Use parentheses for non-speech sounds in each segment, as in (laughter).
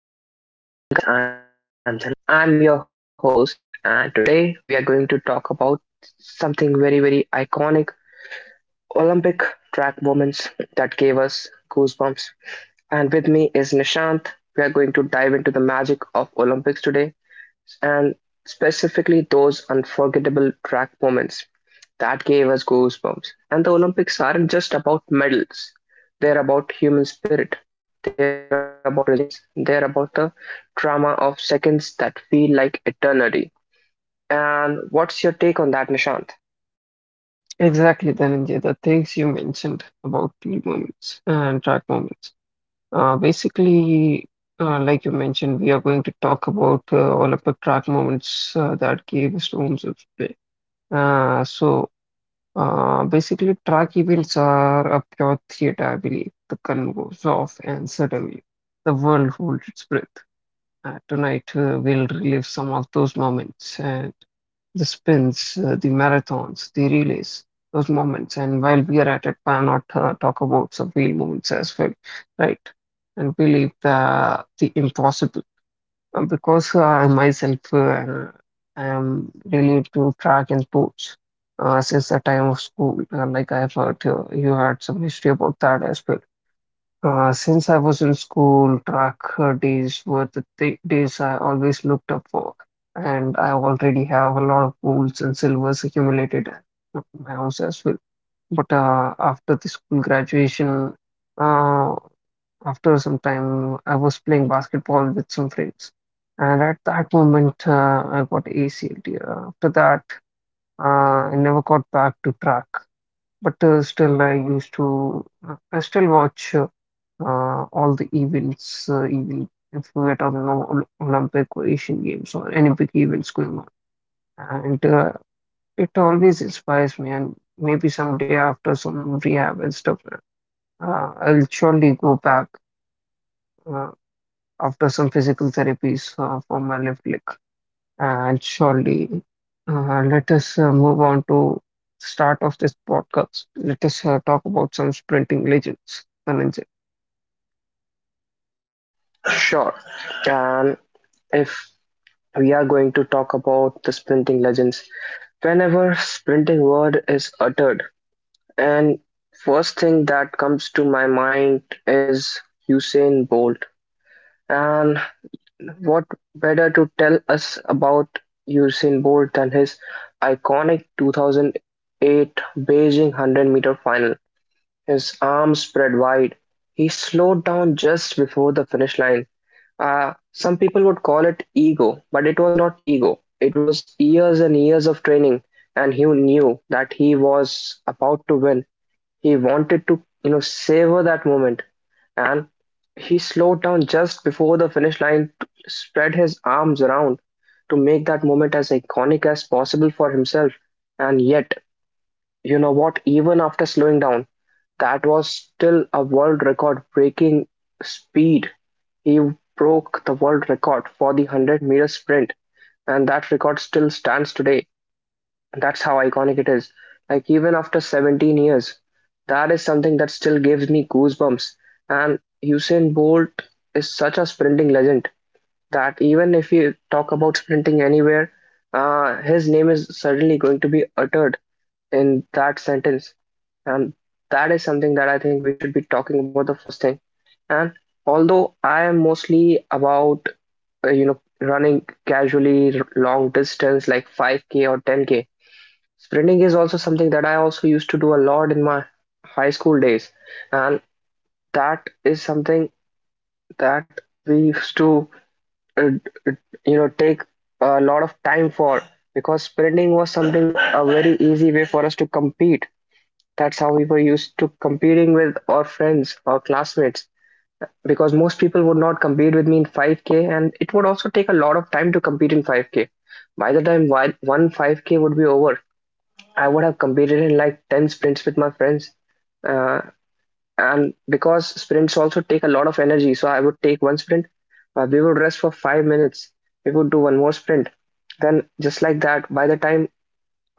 Hello and welcome, guys. I'm Dhananjay. I'm your host, and today we are going to talk about something very, very iconic Olympic track moments that gave us goosebumps. And with me is Nishant. We are going to dive into the magic of Olympics today and specifically those unforgettable track moments. That gave us goosebumps. And the Olympics aren't just about medals, they're about human spirit, they're about resilience, they're about the drama of seconds that feel like eternity. And what's your take on that, Nishant? Exactly, Dhananjay, the things you mentioned about field moments and track moments. Basically, like you mentioned, we are going to talk about all of the track moments that gave us storms of play. So, basically, track events are a pure theater, I believe. The gun goes off, and suddenly the world holds its breath. Tonight we'll relive some of those moments and the spins, the marathons, the relays, those moments. And while we are at it, why not talk about some real moments as well, right? And believe the impossible. Because myself, I am really to track and sports since the time of school. Like I have heard, you had some history about that as well. Since I was in school, track days were the th days I always looked up for, and I already have a lot of golds and silvers accumulated at my house as well. But after the school graduation, uh, after some time, I was playing basketball with some friends, and at that moment, I got ACL tear. After that, I never got back to track. But still, I still watch all the events, even if we are talking about Olympic or Asian Games or any big events going on. And it always inspires me. And maybe someday after some rehab and stuff, I'll surely go back uh, after some physical therapies for my left leg. And surely, let us move on to start of this podcast. Let us talk about some sprinting legends, Dhananjay. Sure. And if we are going to talk about the sprinting legends, whenever sprinting word is uttered, and first thing that comes to my mind is Usain Bolt. And what better to tell us about Usain Bolt than his iconic 2008 Beijing 100-meter final? His arms spread wide. He slowed down just before the finish line. Some people would call it ego, but it was not ego. It was years and years of training, and he knew that he was about to win. He wanted to, you know, savor that moment, and he slowed down just before the finish line, to spread his arms around to make that moment as iconic as possible for himself. And yet, you know what? Even after slowing down, that was still a world record-breaking speed. He broke the world record for the 100-meter sprint, and that record still stands today. That's how iconic it is. Like even after 17 years, that is something that still gives me goosebumps. And Usain Bolt is such a sprinting legend that even if you talk about sprinting anywhere, his name is certainly going to be uttered in that sentence. And that is something that I think we should be talking about the first thing. And although I am mostly about you know, running casually long distance like 5K or 10K, sprinting is also something that I also used to do a lot in my high school days, and that is something that we used to, uh, you know, take a lot of time for because sprinting was something a very easy way for us to compete. That's how we were used to competing with our friends or classmates because most people would not compete with me in 5K, and it would also take a lot of time to compete in 5K. By the time one 5K would be over, I would have competed in like 10 sprints with my friends. Uh, and because sprints also take a lot of energy, so I would take one sprint, we would rest for 5 minutes, we would do one more sprint. Then, just like that, by the time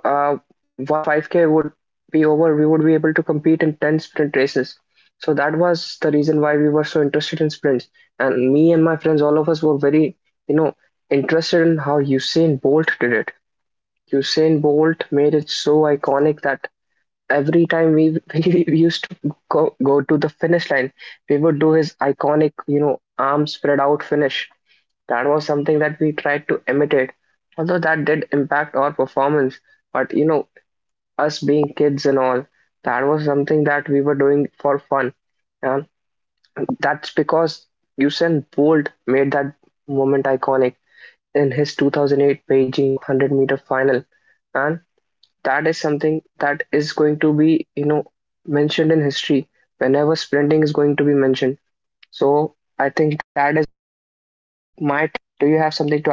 uh, one 5K would be over, we would be able to compete in 10 sprint races. So, that was the reason why we were so interested in sprints. And me and my friends, all of us were very, you know, interested in how Usain Bolt did it. Usain Bolt made it so iconic that every time we (laughs) we used to go to the finish line, we would do his iconic, you know, arm spread out finish. That was something that we tried to imitate, although that did impact our performance. But you know, us being kids and all, that was something that we were doing for fun. And that's because Usain Bolt made that moment iconic in his 2008 Beijing 100 meter final. And that is something that is going to be, you know, mentioned in history whenever sprinting is going to be mentioned. So I think that is my take on that, Nishant. Do you have something to add?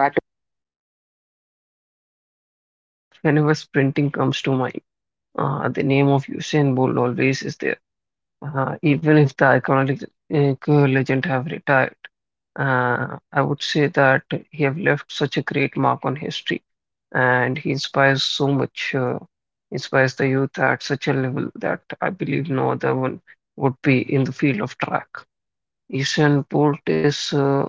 Definitely, Dhananjay. Whenever sprinting comes to mind, the name of Usain Bolt always is there. Even if the iconic legend have retired, I would say that he have left such a great mark on history, and he inspires so much, inspires the youth at such a level that I believe no other one would be in the field of track. Usain Bolt is uh,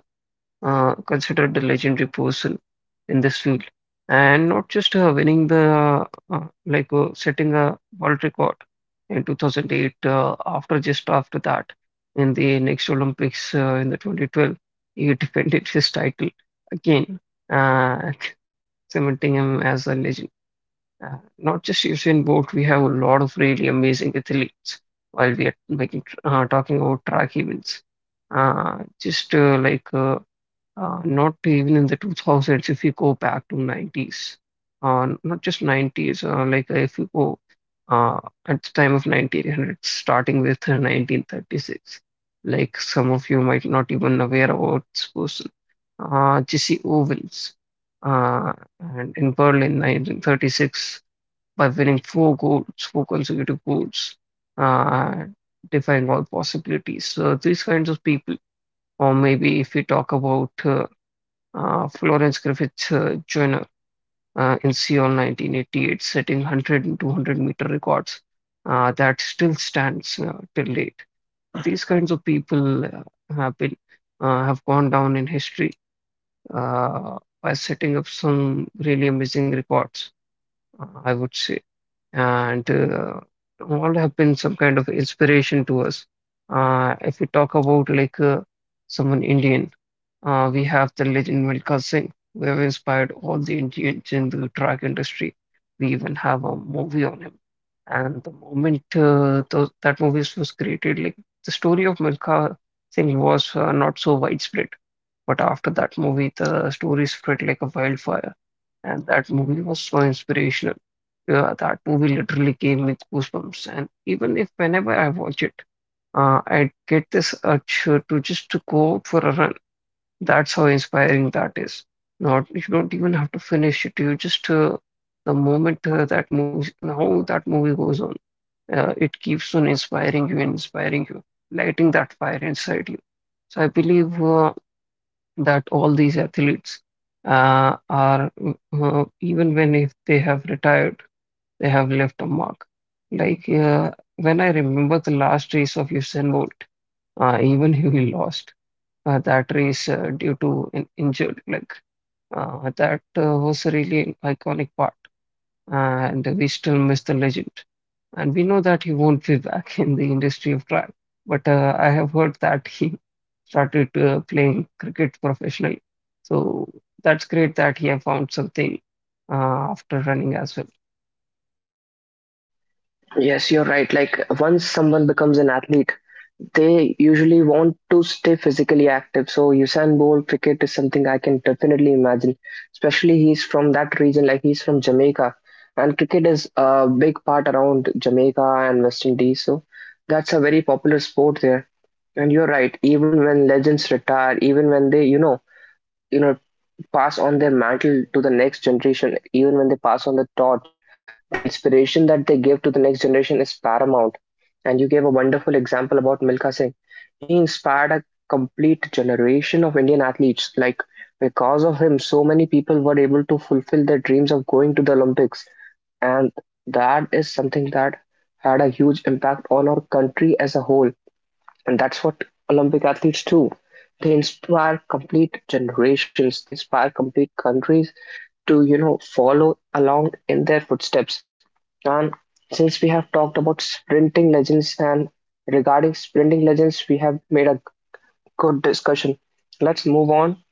uh, considered a legendary person in this field, and not just winning the setting a world record in 2008. After Just after that, in the next Olympics in the 2012, he (laughs) defended his title again, uh, (laughs) cementing him as a legend. Not just Usain Bolt, we have a lot of really amazing athletes while we are making talking about track events. Just like Not even in the 2000s if you go back to 90s, not just 90s, if you go uh, at the time of 1900 starting with 1936, like some of you might not even aware about this person, Jesse Owens, uh, and in Berlin 1936 by winning four consecutive goals, uh, defying all possibilities. So these kinds of people, or maybe if we talk about Florence Griffith Joyner in Seoul 1988, setting 100 and 200-meter records that still stands till date. These kinds of people have been have gone down in history by setting up some really amazing records, I would say, and all have been some kind of inspiration to us. If we talk about, like, someone Indian, we have the legend Milkha Singh, who have inspired all the Indians in the track industry. We even have a movie on him. And the moment that movie was created, like the story of Milkha Singh was not so widespread. But after that movie, the story spread like a wildfire, and that movie was so inspirational. Yeah, that movie literally gave me goosebumps, and even if whenever I watch it, I get this urge to just to go out for a run. That's how inspiring that is. Not you don't even have to finish it. You just The moment that movie, how that movie goes on, it keeps on inspiring you and inspiring you, lighting that fire inside you. So I believe that all these athletes are, even when if they have retired, they have left a mark. Like, when I remember the last race of Usain Bolt, even he lost that race due to an injured leg. That was a really iconic part, and we still miss the legend. And we know that he won't be back in the industry of track, but I have heard that he started playing cricket professionally. So that's great that he have found something after running as well. Yes, you're right. Like once someone becomes an athlete, they usually want to stay physically active. So Usain Bolt cricket is something I can definitely imagine. Especially he's from that region, like he's from Jamaica, and cricket is a big part around Jamaica and West Indies. So that's a very popular sport there. And you're right, even when legends retire, even when they, you know, pass on their mantle to the next generation, even when they pass on the torch, the inspiration that they give to the next generation is paramount. And you gave a wonderful example about Milkha Singh. He inspired a complete generation of Indian athletes. Like because of him, so many people were able to fulfill their dreams of going to the Olympics. And that is something that had a huge impact on our country as a whole, and that's what Olympic athletes do. They inspire complete generations, they inspire complete countries to, you know, follow along in their footsteps. And since we have talked about sprinting legends and regarding sprinting legends, we have made a good discussion. Let's move on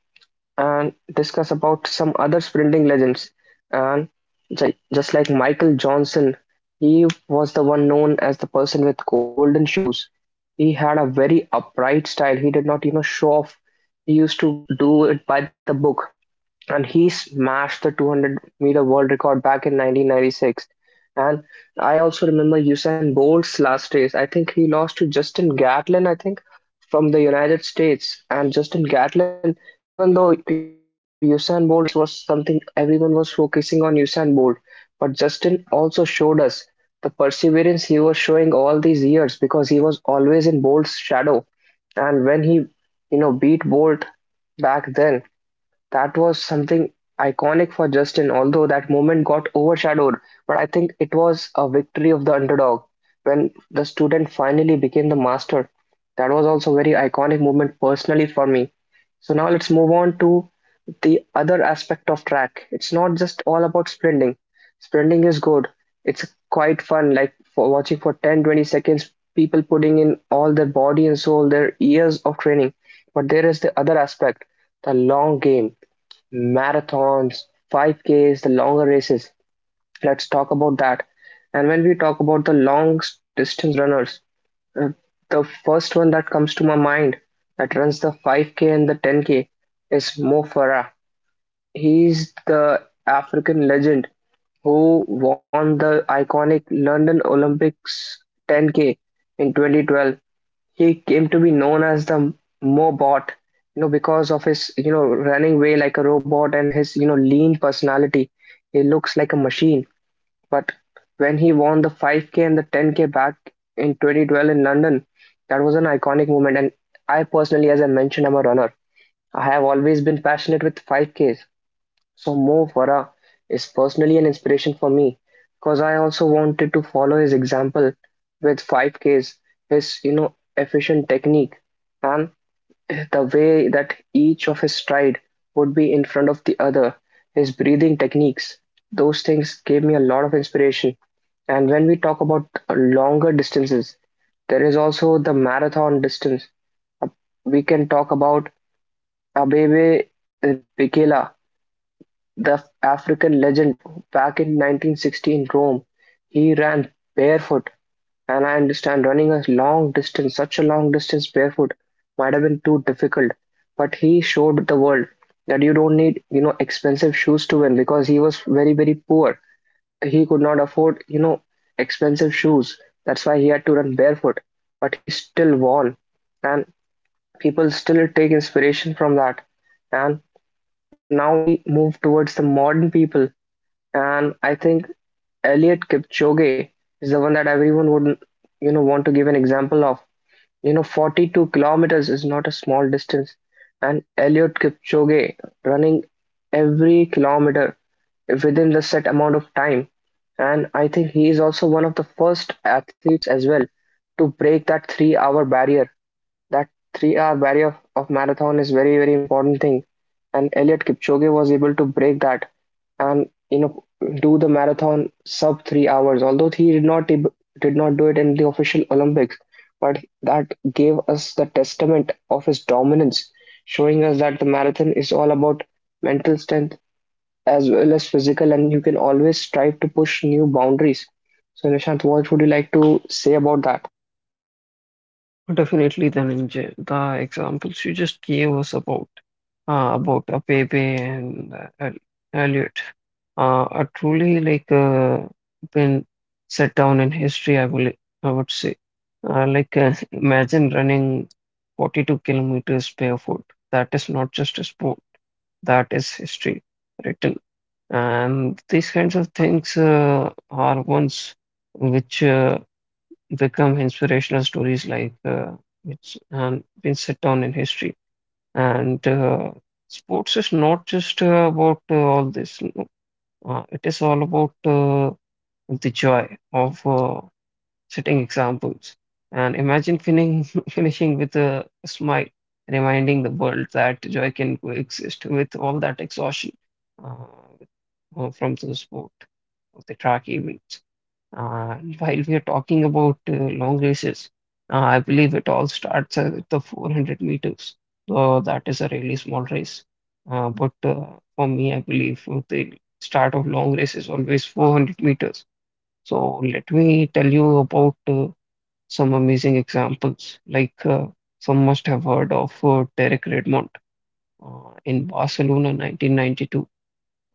and discuss about some other sprinting legends. And just like Michael Johnson, he was the one known as the person with golden shoes. He had a very upright style. He did not, you know, show off. He used to do it by the book, and he smashed the 200-meter world record back in 1996. And I also remember Usain Bolt's last race. I think he lost to Justin Gatlin, I think, from the United States. And Justin Gatlin, even though Usain Bolt's last race was something everyone was focusing on Usain Bolt, but Justin also showed us the perseverance he was showing all these years because he was always in Bolt's shadow. And when he, you know, beat Bolt back then, that was something iconic for Justin, although that moment got overshadowed. But I think it was a victory of the underdog when the student finally became the master. That was also a very iconic moment personally for me. So now let's move on to the other aspect of track. It's not just all about sprinting. Sprinting is good. It's quite fun, like for watching for 10, 20 seconds, people putting in all their body and soul, their years of training. But there is the other aspect. The long game, marathons, 5Ks, the longer races. Let's talk about that. And when we talk about the long distance runners, uh, the first one that comes to my mind that runs the 5K and the 10K is Mo Farah. He's the African legend who won the iconic London Olympics 10K in 2012. He came to be known as the Mobot, you know, because of his, you know, running way like a robot and his, you know, lean personality. He looks like a machine. But when he won the 5K and the 10K back in 2012 in London, that was an iconic moment. And I personally, as I mentioned, I'm a runner. I have always been passionate with 5Ks. So Mo Farah is personally an inspiration for me because I also wanted to follow his example with 5Ks, his, you know, efficient technique and the way that each of his stride would be in front of the other, his breathing techniques. Those things gave me a lot of inspiration. And when we talk about longer distances, there is also the marathon distance. We can talk about Abebe Bikela, the African legend back in 1960 in Rome. He ran barefoot. And I understand running a long distance, such a long distance barefoot, might have been too difficult. But he showed the world that you don't need, you know, expensive shoes to win because he was very, very poor. He could not afford, you know, expensive shoes. That's why he had to run barefoot. But he still won. And people still take inspiration from that. And now we move towards the modern people, and I think Elliot Kipchoge is the one that everyone would, you know, want to give an example of. You know, 42 kilometers is not a small distance. And Elliot Kipchoge running every kilometer within the set amount of time. And I think he is also one of the first athletes as well to break that 3-hour barrier. That three-hour barrier of marathon is very, very important thing, and Eliud Kipchoge was able to break that and, you know, do the marathon sub 3 hours. Although he did not do it in the official Olympics, but that gave us the testament of his dominance, showing us that the marathon is all about mental strength as well as physical, and you can always strive to push new boundaries. So, Nishant, what would you like to say about that? Definitely, Dhananjay. The examples you just gave us about Pepe and Elliot are truly, like, been set down in history. I would say, (laughs) imagine running 42 kilometers barefoot. That is not just a sport. That is history written. And these kinds of things are ones which become inspirational stories, like it's been set down in history. And sports is not just about all this, no. It is all about the joy of setting examples. And imagine finishing, (laughs) finishing with a smile, reminding the world that joy can coexist with all that exhaustion uh, from the sport of the track event. While we are talking about long races, I believe it all starts at the 400 meters. So that is a really small race. But for me, I believe the start of long race is always 400 meters. So let me tell you about some amazing examples. Like, some must have heard of Derek Redmond in Barcelona 1992.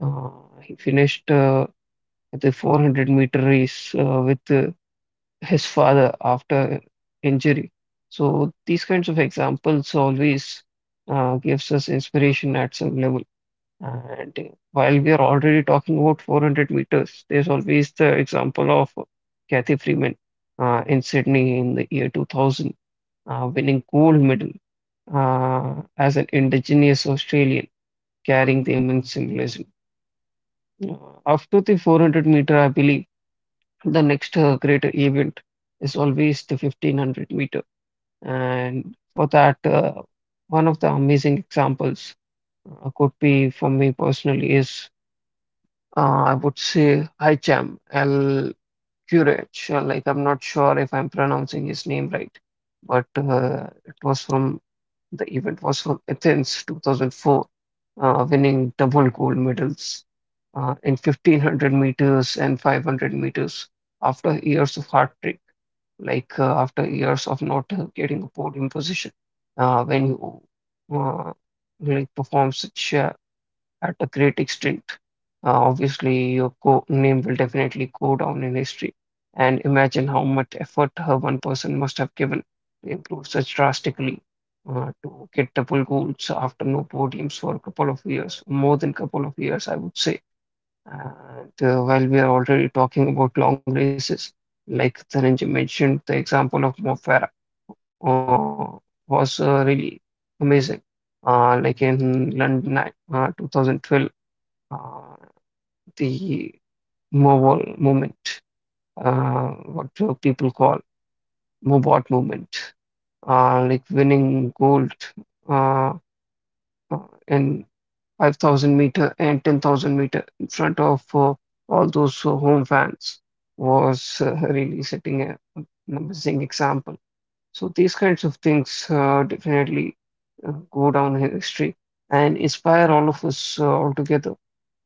Uh, he finished the 400-meter race with his father after injury. So these kinds of examples always gives us inspiration at some level. And while we are already talking about 400 meters, there's always the example of Kathy Freeman in Sydney in the year 2000, winning gold medal as an indigenous Australian, carrying the immense symbolism. Uh, After the 400 meter, I believe the next greater event is always the 1500 meter. And for that, one of the amazing examples could be for me personally is I would say Hicham El Kurech. Like I'm not sure if I'm pronouncing his name right, but it was from the event was from Athens 2004, winning double gold medals in 1500 meters and 500 meters after years of hard training, like after years of not getting a podium position, when you uh, like perform such at a great extent, obviously your co name will definitely go down in history. And imagine how much effort her one person must have given to improve such drastically, to get double golds after no podiums for a couple of years, more than couple of years, I would say. And while we are already talking about long races, like Dhananjay mentioned, the example of Mo Farah uh, was really amazing. Like in London 2012, uh, the Mobile movement, uh, what people call Mobot movement, like winning gold uh, uh, in 5,000 meter and 10,000 meter in front of all those home fans was really setting a an amazing example. So these kinds of things definitely go down in history and inspire all of us all together,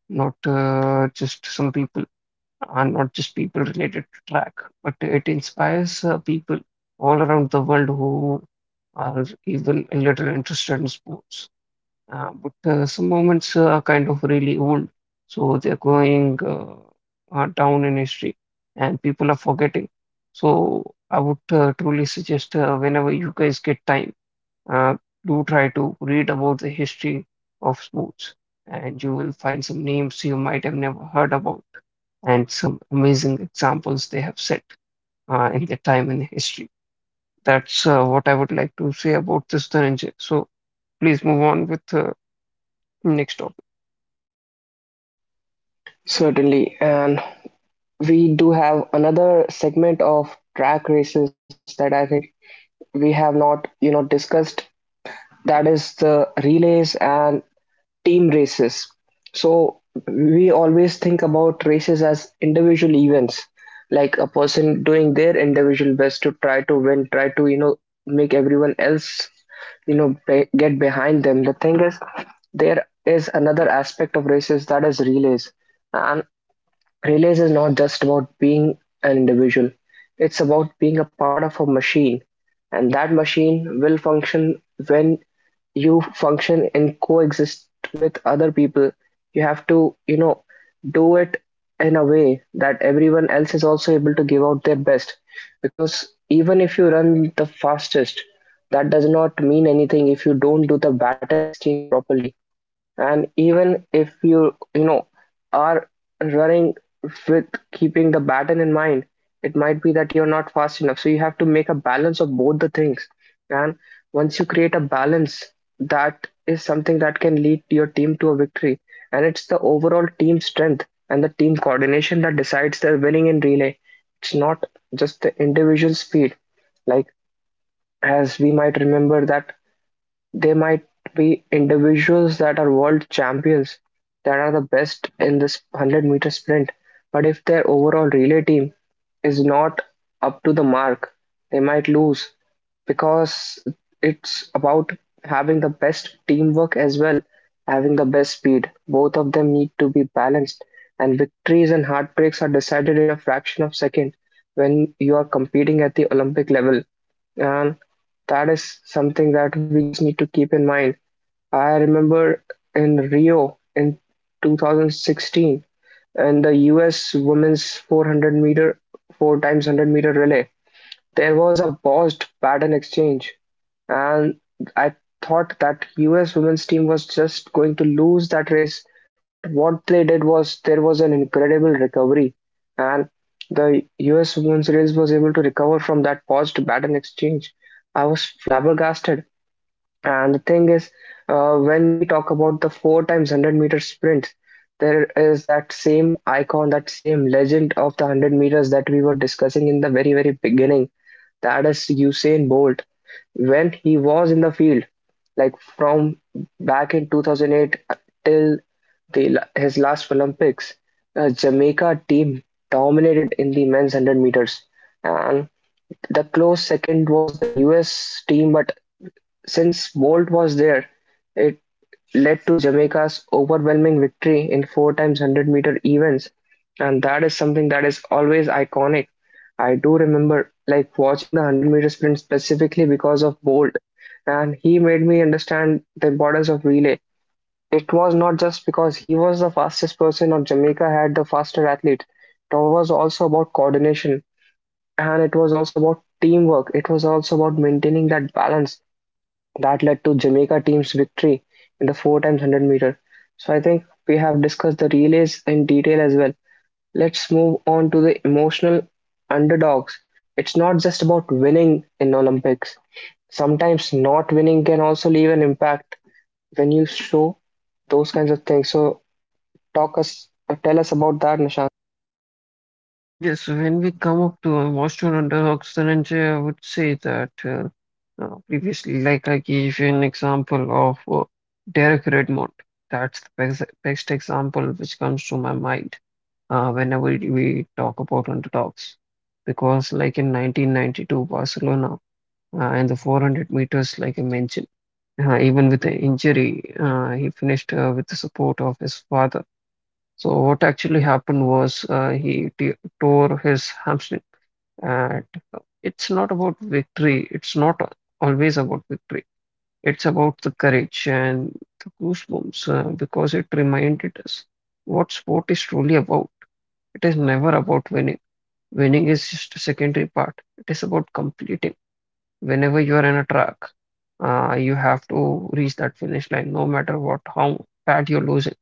not just some people and not just people related to track, but it inspires people all around the world who are even a little interested in sports. But some moments are kind of really old, so they're going down in history, and people are forgetting. So I would truly suggest whenever you guys get time, uh, do try to read about the history of sports, and you will find some names you might have never heard about, and some amazing examples they have set in their time in history. That's what I would like to say about this, Dhananjay. So please move on with next topic. Certainly, and we do have another segment of track races that I think we have not, you know, discussed. That is the relays and team races. So we always think about races as individual events, like a person doing their individual best to try to win, try to, you know, make everyone else, you know, get behind them. The thing is, there is another aspect of races that is relays. And Release is not just about being an individual. It's about being a part of a machine, and that machine will function when you function and coexist with other people. You have to, you know, do it in a way that everyone else is also able to give out their best. Because even if you run the fastest, that does not mean anything if you don't do the baton exchange properly. And even if you, you know, are running with keeping the baton in mind, it might be that you're not fast enough, so you have to make a balance of both the things. And once you create a balance, that is something that can lead your team to a victory, and it's the overall team strength and the team coordination that decides their winning in relay. It's not just the individual speed, like as we might remember that they might be individuals that are world champions, that are the best in this 100-meter sprint, but if their overall relay team is not up to the mark, they might lose because it's about having the best teamwork as well, having the best speed. Both of them need to be balanced, and victories and heartbreaks are decided in a fraction of second when you are competing at the Olympic level. Um, that is something that we just need to keep in mind. I remember in Rio in 2016 in the US women's 400 meter, 4 times 100-meter relay, there was a bossed paddle exchange, and I thought that US women's team was just going to lose that race. But what they did was there was an incredible recovery, and the US women's race was able to recover from that paused paddle exchange. I was flabbergasted. And the thing is, when we talk about the four times 100-meter sprint, there is that same icon, that same legend of the 100 meters that we were discussing in the very, very beginning. That is Usain Bolt. When he was in the field, like from back in 2008 till the, his last Olympics, Jamaica team dominated in the men's 100 meters. And the close second was the US team, but since Bolt was there, it led to Jamaica's overwhelming victory in four times 100-meter events, and that is something that is always iconic. I do remember like watching the 100-meter sprint specifically because of Bolt, and he made me understand the importance of relay. It was not just because he was the fastest person or Jamaica had the faster athlete, it was also about coordination and it was also about teamwork. It was also about maintaining that balance that led to Jamaica team's victory in the four times 100 meter. So I think we have discussed the relays in detail as well. Let's move on to the emotional underdogs. It's not just about winning in Olympics. Sometimes not winning can also leave an impact when you show those kinds of things. So talk us tell us about that, Nishant. Yes, so when we come up to Monsoon under Oxygen, I would say that previously, like I gave you an example of Derek Redmond. That's the best example which comes to my mind whenever we talk about under dogs. Because, like in 1992 Barcelona, in the 400 meters, like I mentioned, even with the injury, he finished with the support of his father. So what actually happened was he t tore his hamstring, and it's not about victory. It's not always about victory. It's about the courage and the goosebumps, because it reminded us what sport is truly about. It is never about winning. Winning is just a secondary part. It is about completing. Whenever you are in a track, you have to reach that finish line, no matter what, how bad you're losing.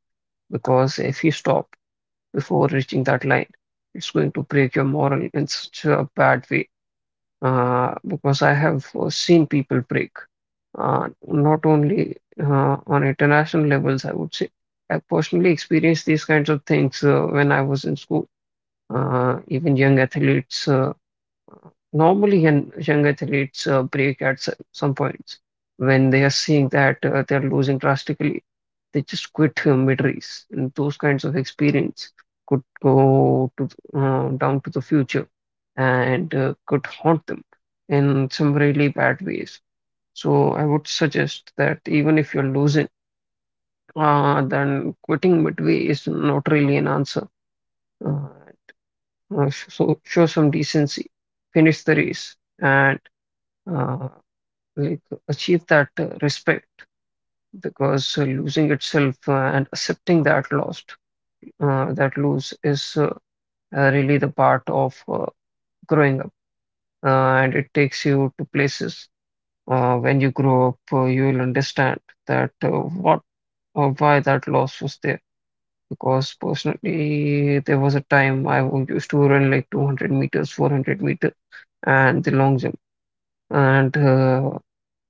Because if you stop before reaching that line, it's going to break your moral in such a bad way, because I have seen people break, not only on international levels, I would say. I personally experienced these kinds of things when I was in school. Even young athletes, normally, young athletes break at some points when they are seeing that they're losing drastically. They just quit mid-race, and those kinds of experience could go down to the future, and could haunt them in some really bad ways. So I would suggest that even if you're losing, then quitting midway is not really an answer. Uh, so show some decency, finish the race, and uh, like achieve that respect, because losing itself, and accepting that lost, that lose is, really the part of growing up, and it takes you to places, when you grow up, you will understand that, what or why that loss was there. Because personally there was a time I used to run like 200 meters, 400 meters, and the long jump, and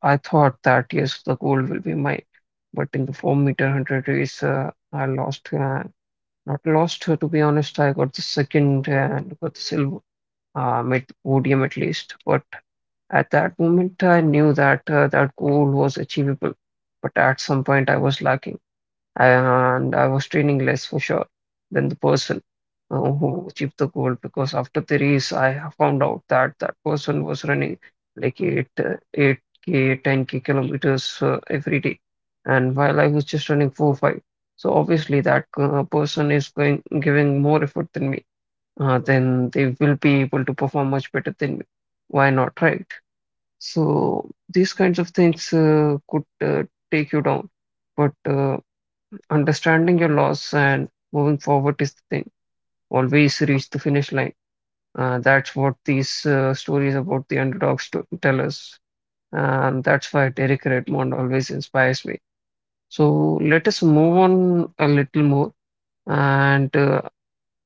I thought that, yes, the gold will be mine, but in the 4 meter 100 race, I lost. Not lost, to be honest. I got the second and got the silver. Mid podium at least, but at that moment I knew that goal was achievable. But at some point I was lacking, and I was training less for sure than the person who achieved the goal, because after the race I found out that that person was running like 8, 8K, 10K kilometers every day, and while I was just running 4, 5. So obviously that person is going giving more effort than me, then they will be able to perform much better than me. Why not, right? So these kinds of things could, take you down. But understanding your loss and moving forward is the thing. Always reach the finish line. That's what these stories about the underdogs to tell us. And that's why Derek Redmond always inspires me. So let us move on a little more. And uh,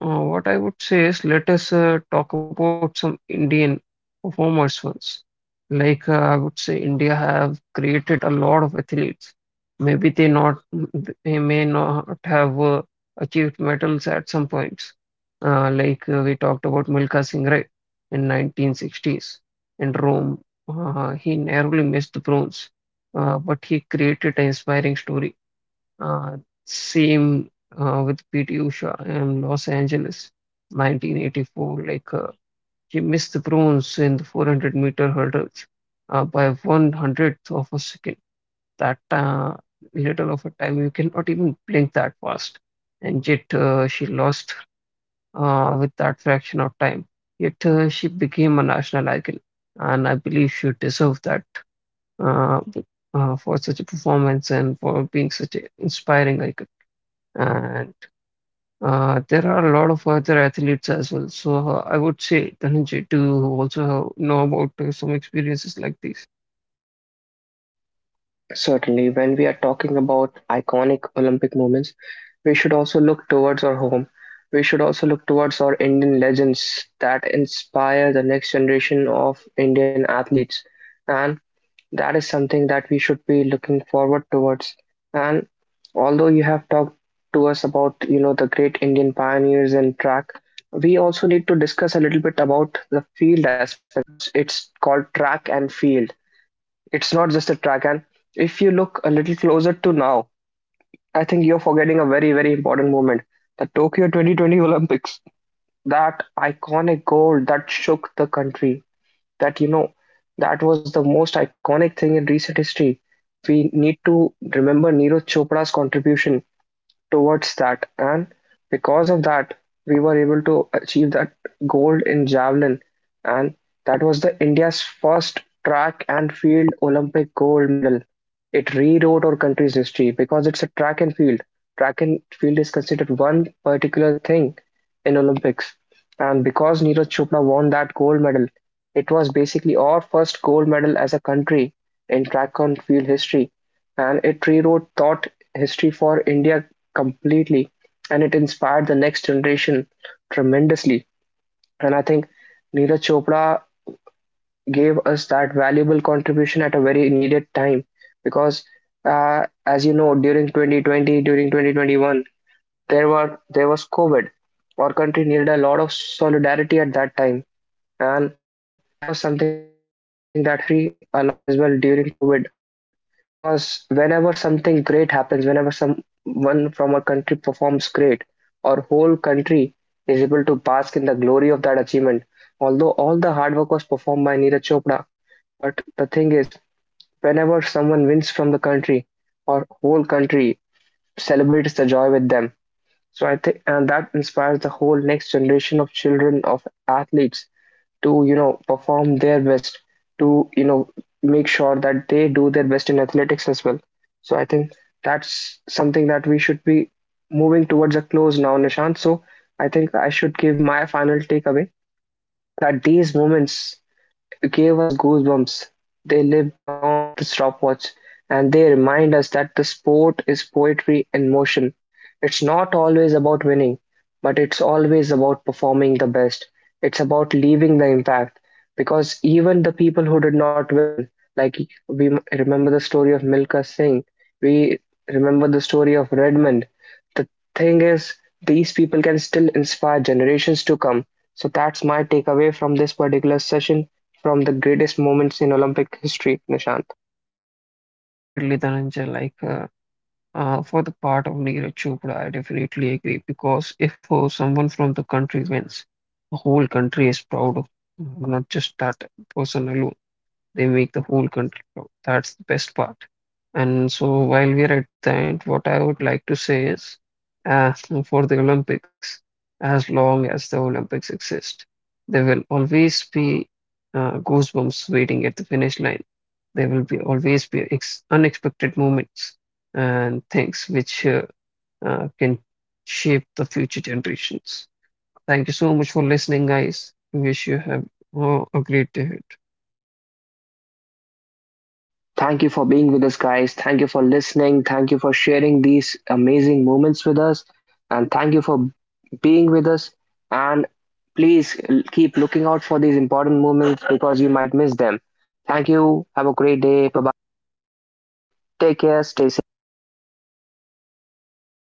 uh, what I would say is, let us talk about some Indian performers once. Like, I would say India have created a lot of athletes. Maybe they may not have achieved medals at some points. Like, we talked about Milkha Singh Ray in 1960s in Rome. He narrowly missed the bronze, but he created an inspiring story. Uh, Same, with PT Usha in Los Angeles, 1984. Like, she missed the bronze in the 400-meter hurdles by one 100th of a second. That, little of a time, you cannot even blink that fast. And yet she lost, with that fraction of time. Yet she became a national icon, and I believe she deserved that, uh, for such a performance and for being such an inspiring icon. And there are a lot of other athletes as well. So I would say, Dhananjay, do you also know about some experiences like this? Certainly, when we are talking about iconic Olympic moments, we should also look towards our home. We should also look towards our Indian legends that inspire the next generation of Indian athletes. And that is something that we should be looking forward towards. And although you have talked to us about, you know, the great Indian pioneers in track, we also need to discuss a little bit about the field aspect because it's called track and field. It's not just a track, and if you look a little closer to now, I think you're forgetting a very, very important moment, the Tokyo 2020 Olympics. That iconic gold that shook the country, that, you know, that was the most iconic thing in recent history. We need to remember Neeraj Chopra's contribution towards that. And because of that, we were able to achieve that gold in javelin. And that was the India's first track and field Olympic gold medal. It rewrote our country's history because it's a track and field. Track and field is considered one particular thing in Olympics. And because Neeraj Chopra won that gold medal, it was basically our first gold medal as a country in track and field history, and it rewrote thought history for India completely, and it inspired the next generation tremendously. And I think Neeraj Chopra gave us that valuable contribution at a very needed time because, as you know, during 2020, during 2021, there was COVID. Our country needed a lot of solidarity at that time, and that was something that helped our country a lot as well during COVID, because whenever something great happens, whenever someone from a country performs great, our whole country is able to bask in the glory of that achievement. Although all the hard work was performed by Neeraj Chopra, but the thing is, whenever someone wins from the country, our whole country celebrates the joy with them. So I think, and that inspires the whole next generation of children, of athletes, to, you know, perform their best, to, you know, make sure that they do their best in athletics as well. So I think that's something that we should be moving towards a close now, Nishant. So I think I should give my final takeaway that these moments gave us goosebumps. They live beyond the stopwatch, and they remind us that the sport is poetry in motion. It's not always about winning, but it's always about performing the best. It's about leaving the impact because even the people who did not win, like remember the story of Milka Singh, we remember the story of Redmond. The thing is, these people can still inspire generations to come. So that's my takeaway from this particular session, from the greatest moments in Olympic history, Nishant. Definitely, Dhananjay, like, for the part of Neeraj Chopra, I definitely agree, because if someone from the country wins, the whole country is proud of, not just that person alone. They make the whole country proud. That's the best part. And so, while we are at the end, what I would like to say is, uh, for the Olympics, as long as the Olympics exist, there will always be goosebumps waiting at the finish line. There will be always be ex unexpected moments and things which, can shape the future generations. Thank you so much for listening, guys. Wish you have a great day. Thank you for being with us, guys. Thank you for listening. Thank you for sharing these amazing moments with us. And thank you for being with us. And keep looking out for these important moments because you might miss them. Thank you. Have a great day. Bye-bye. Take care. Stay safe.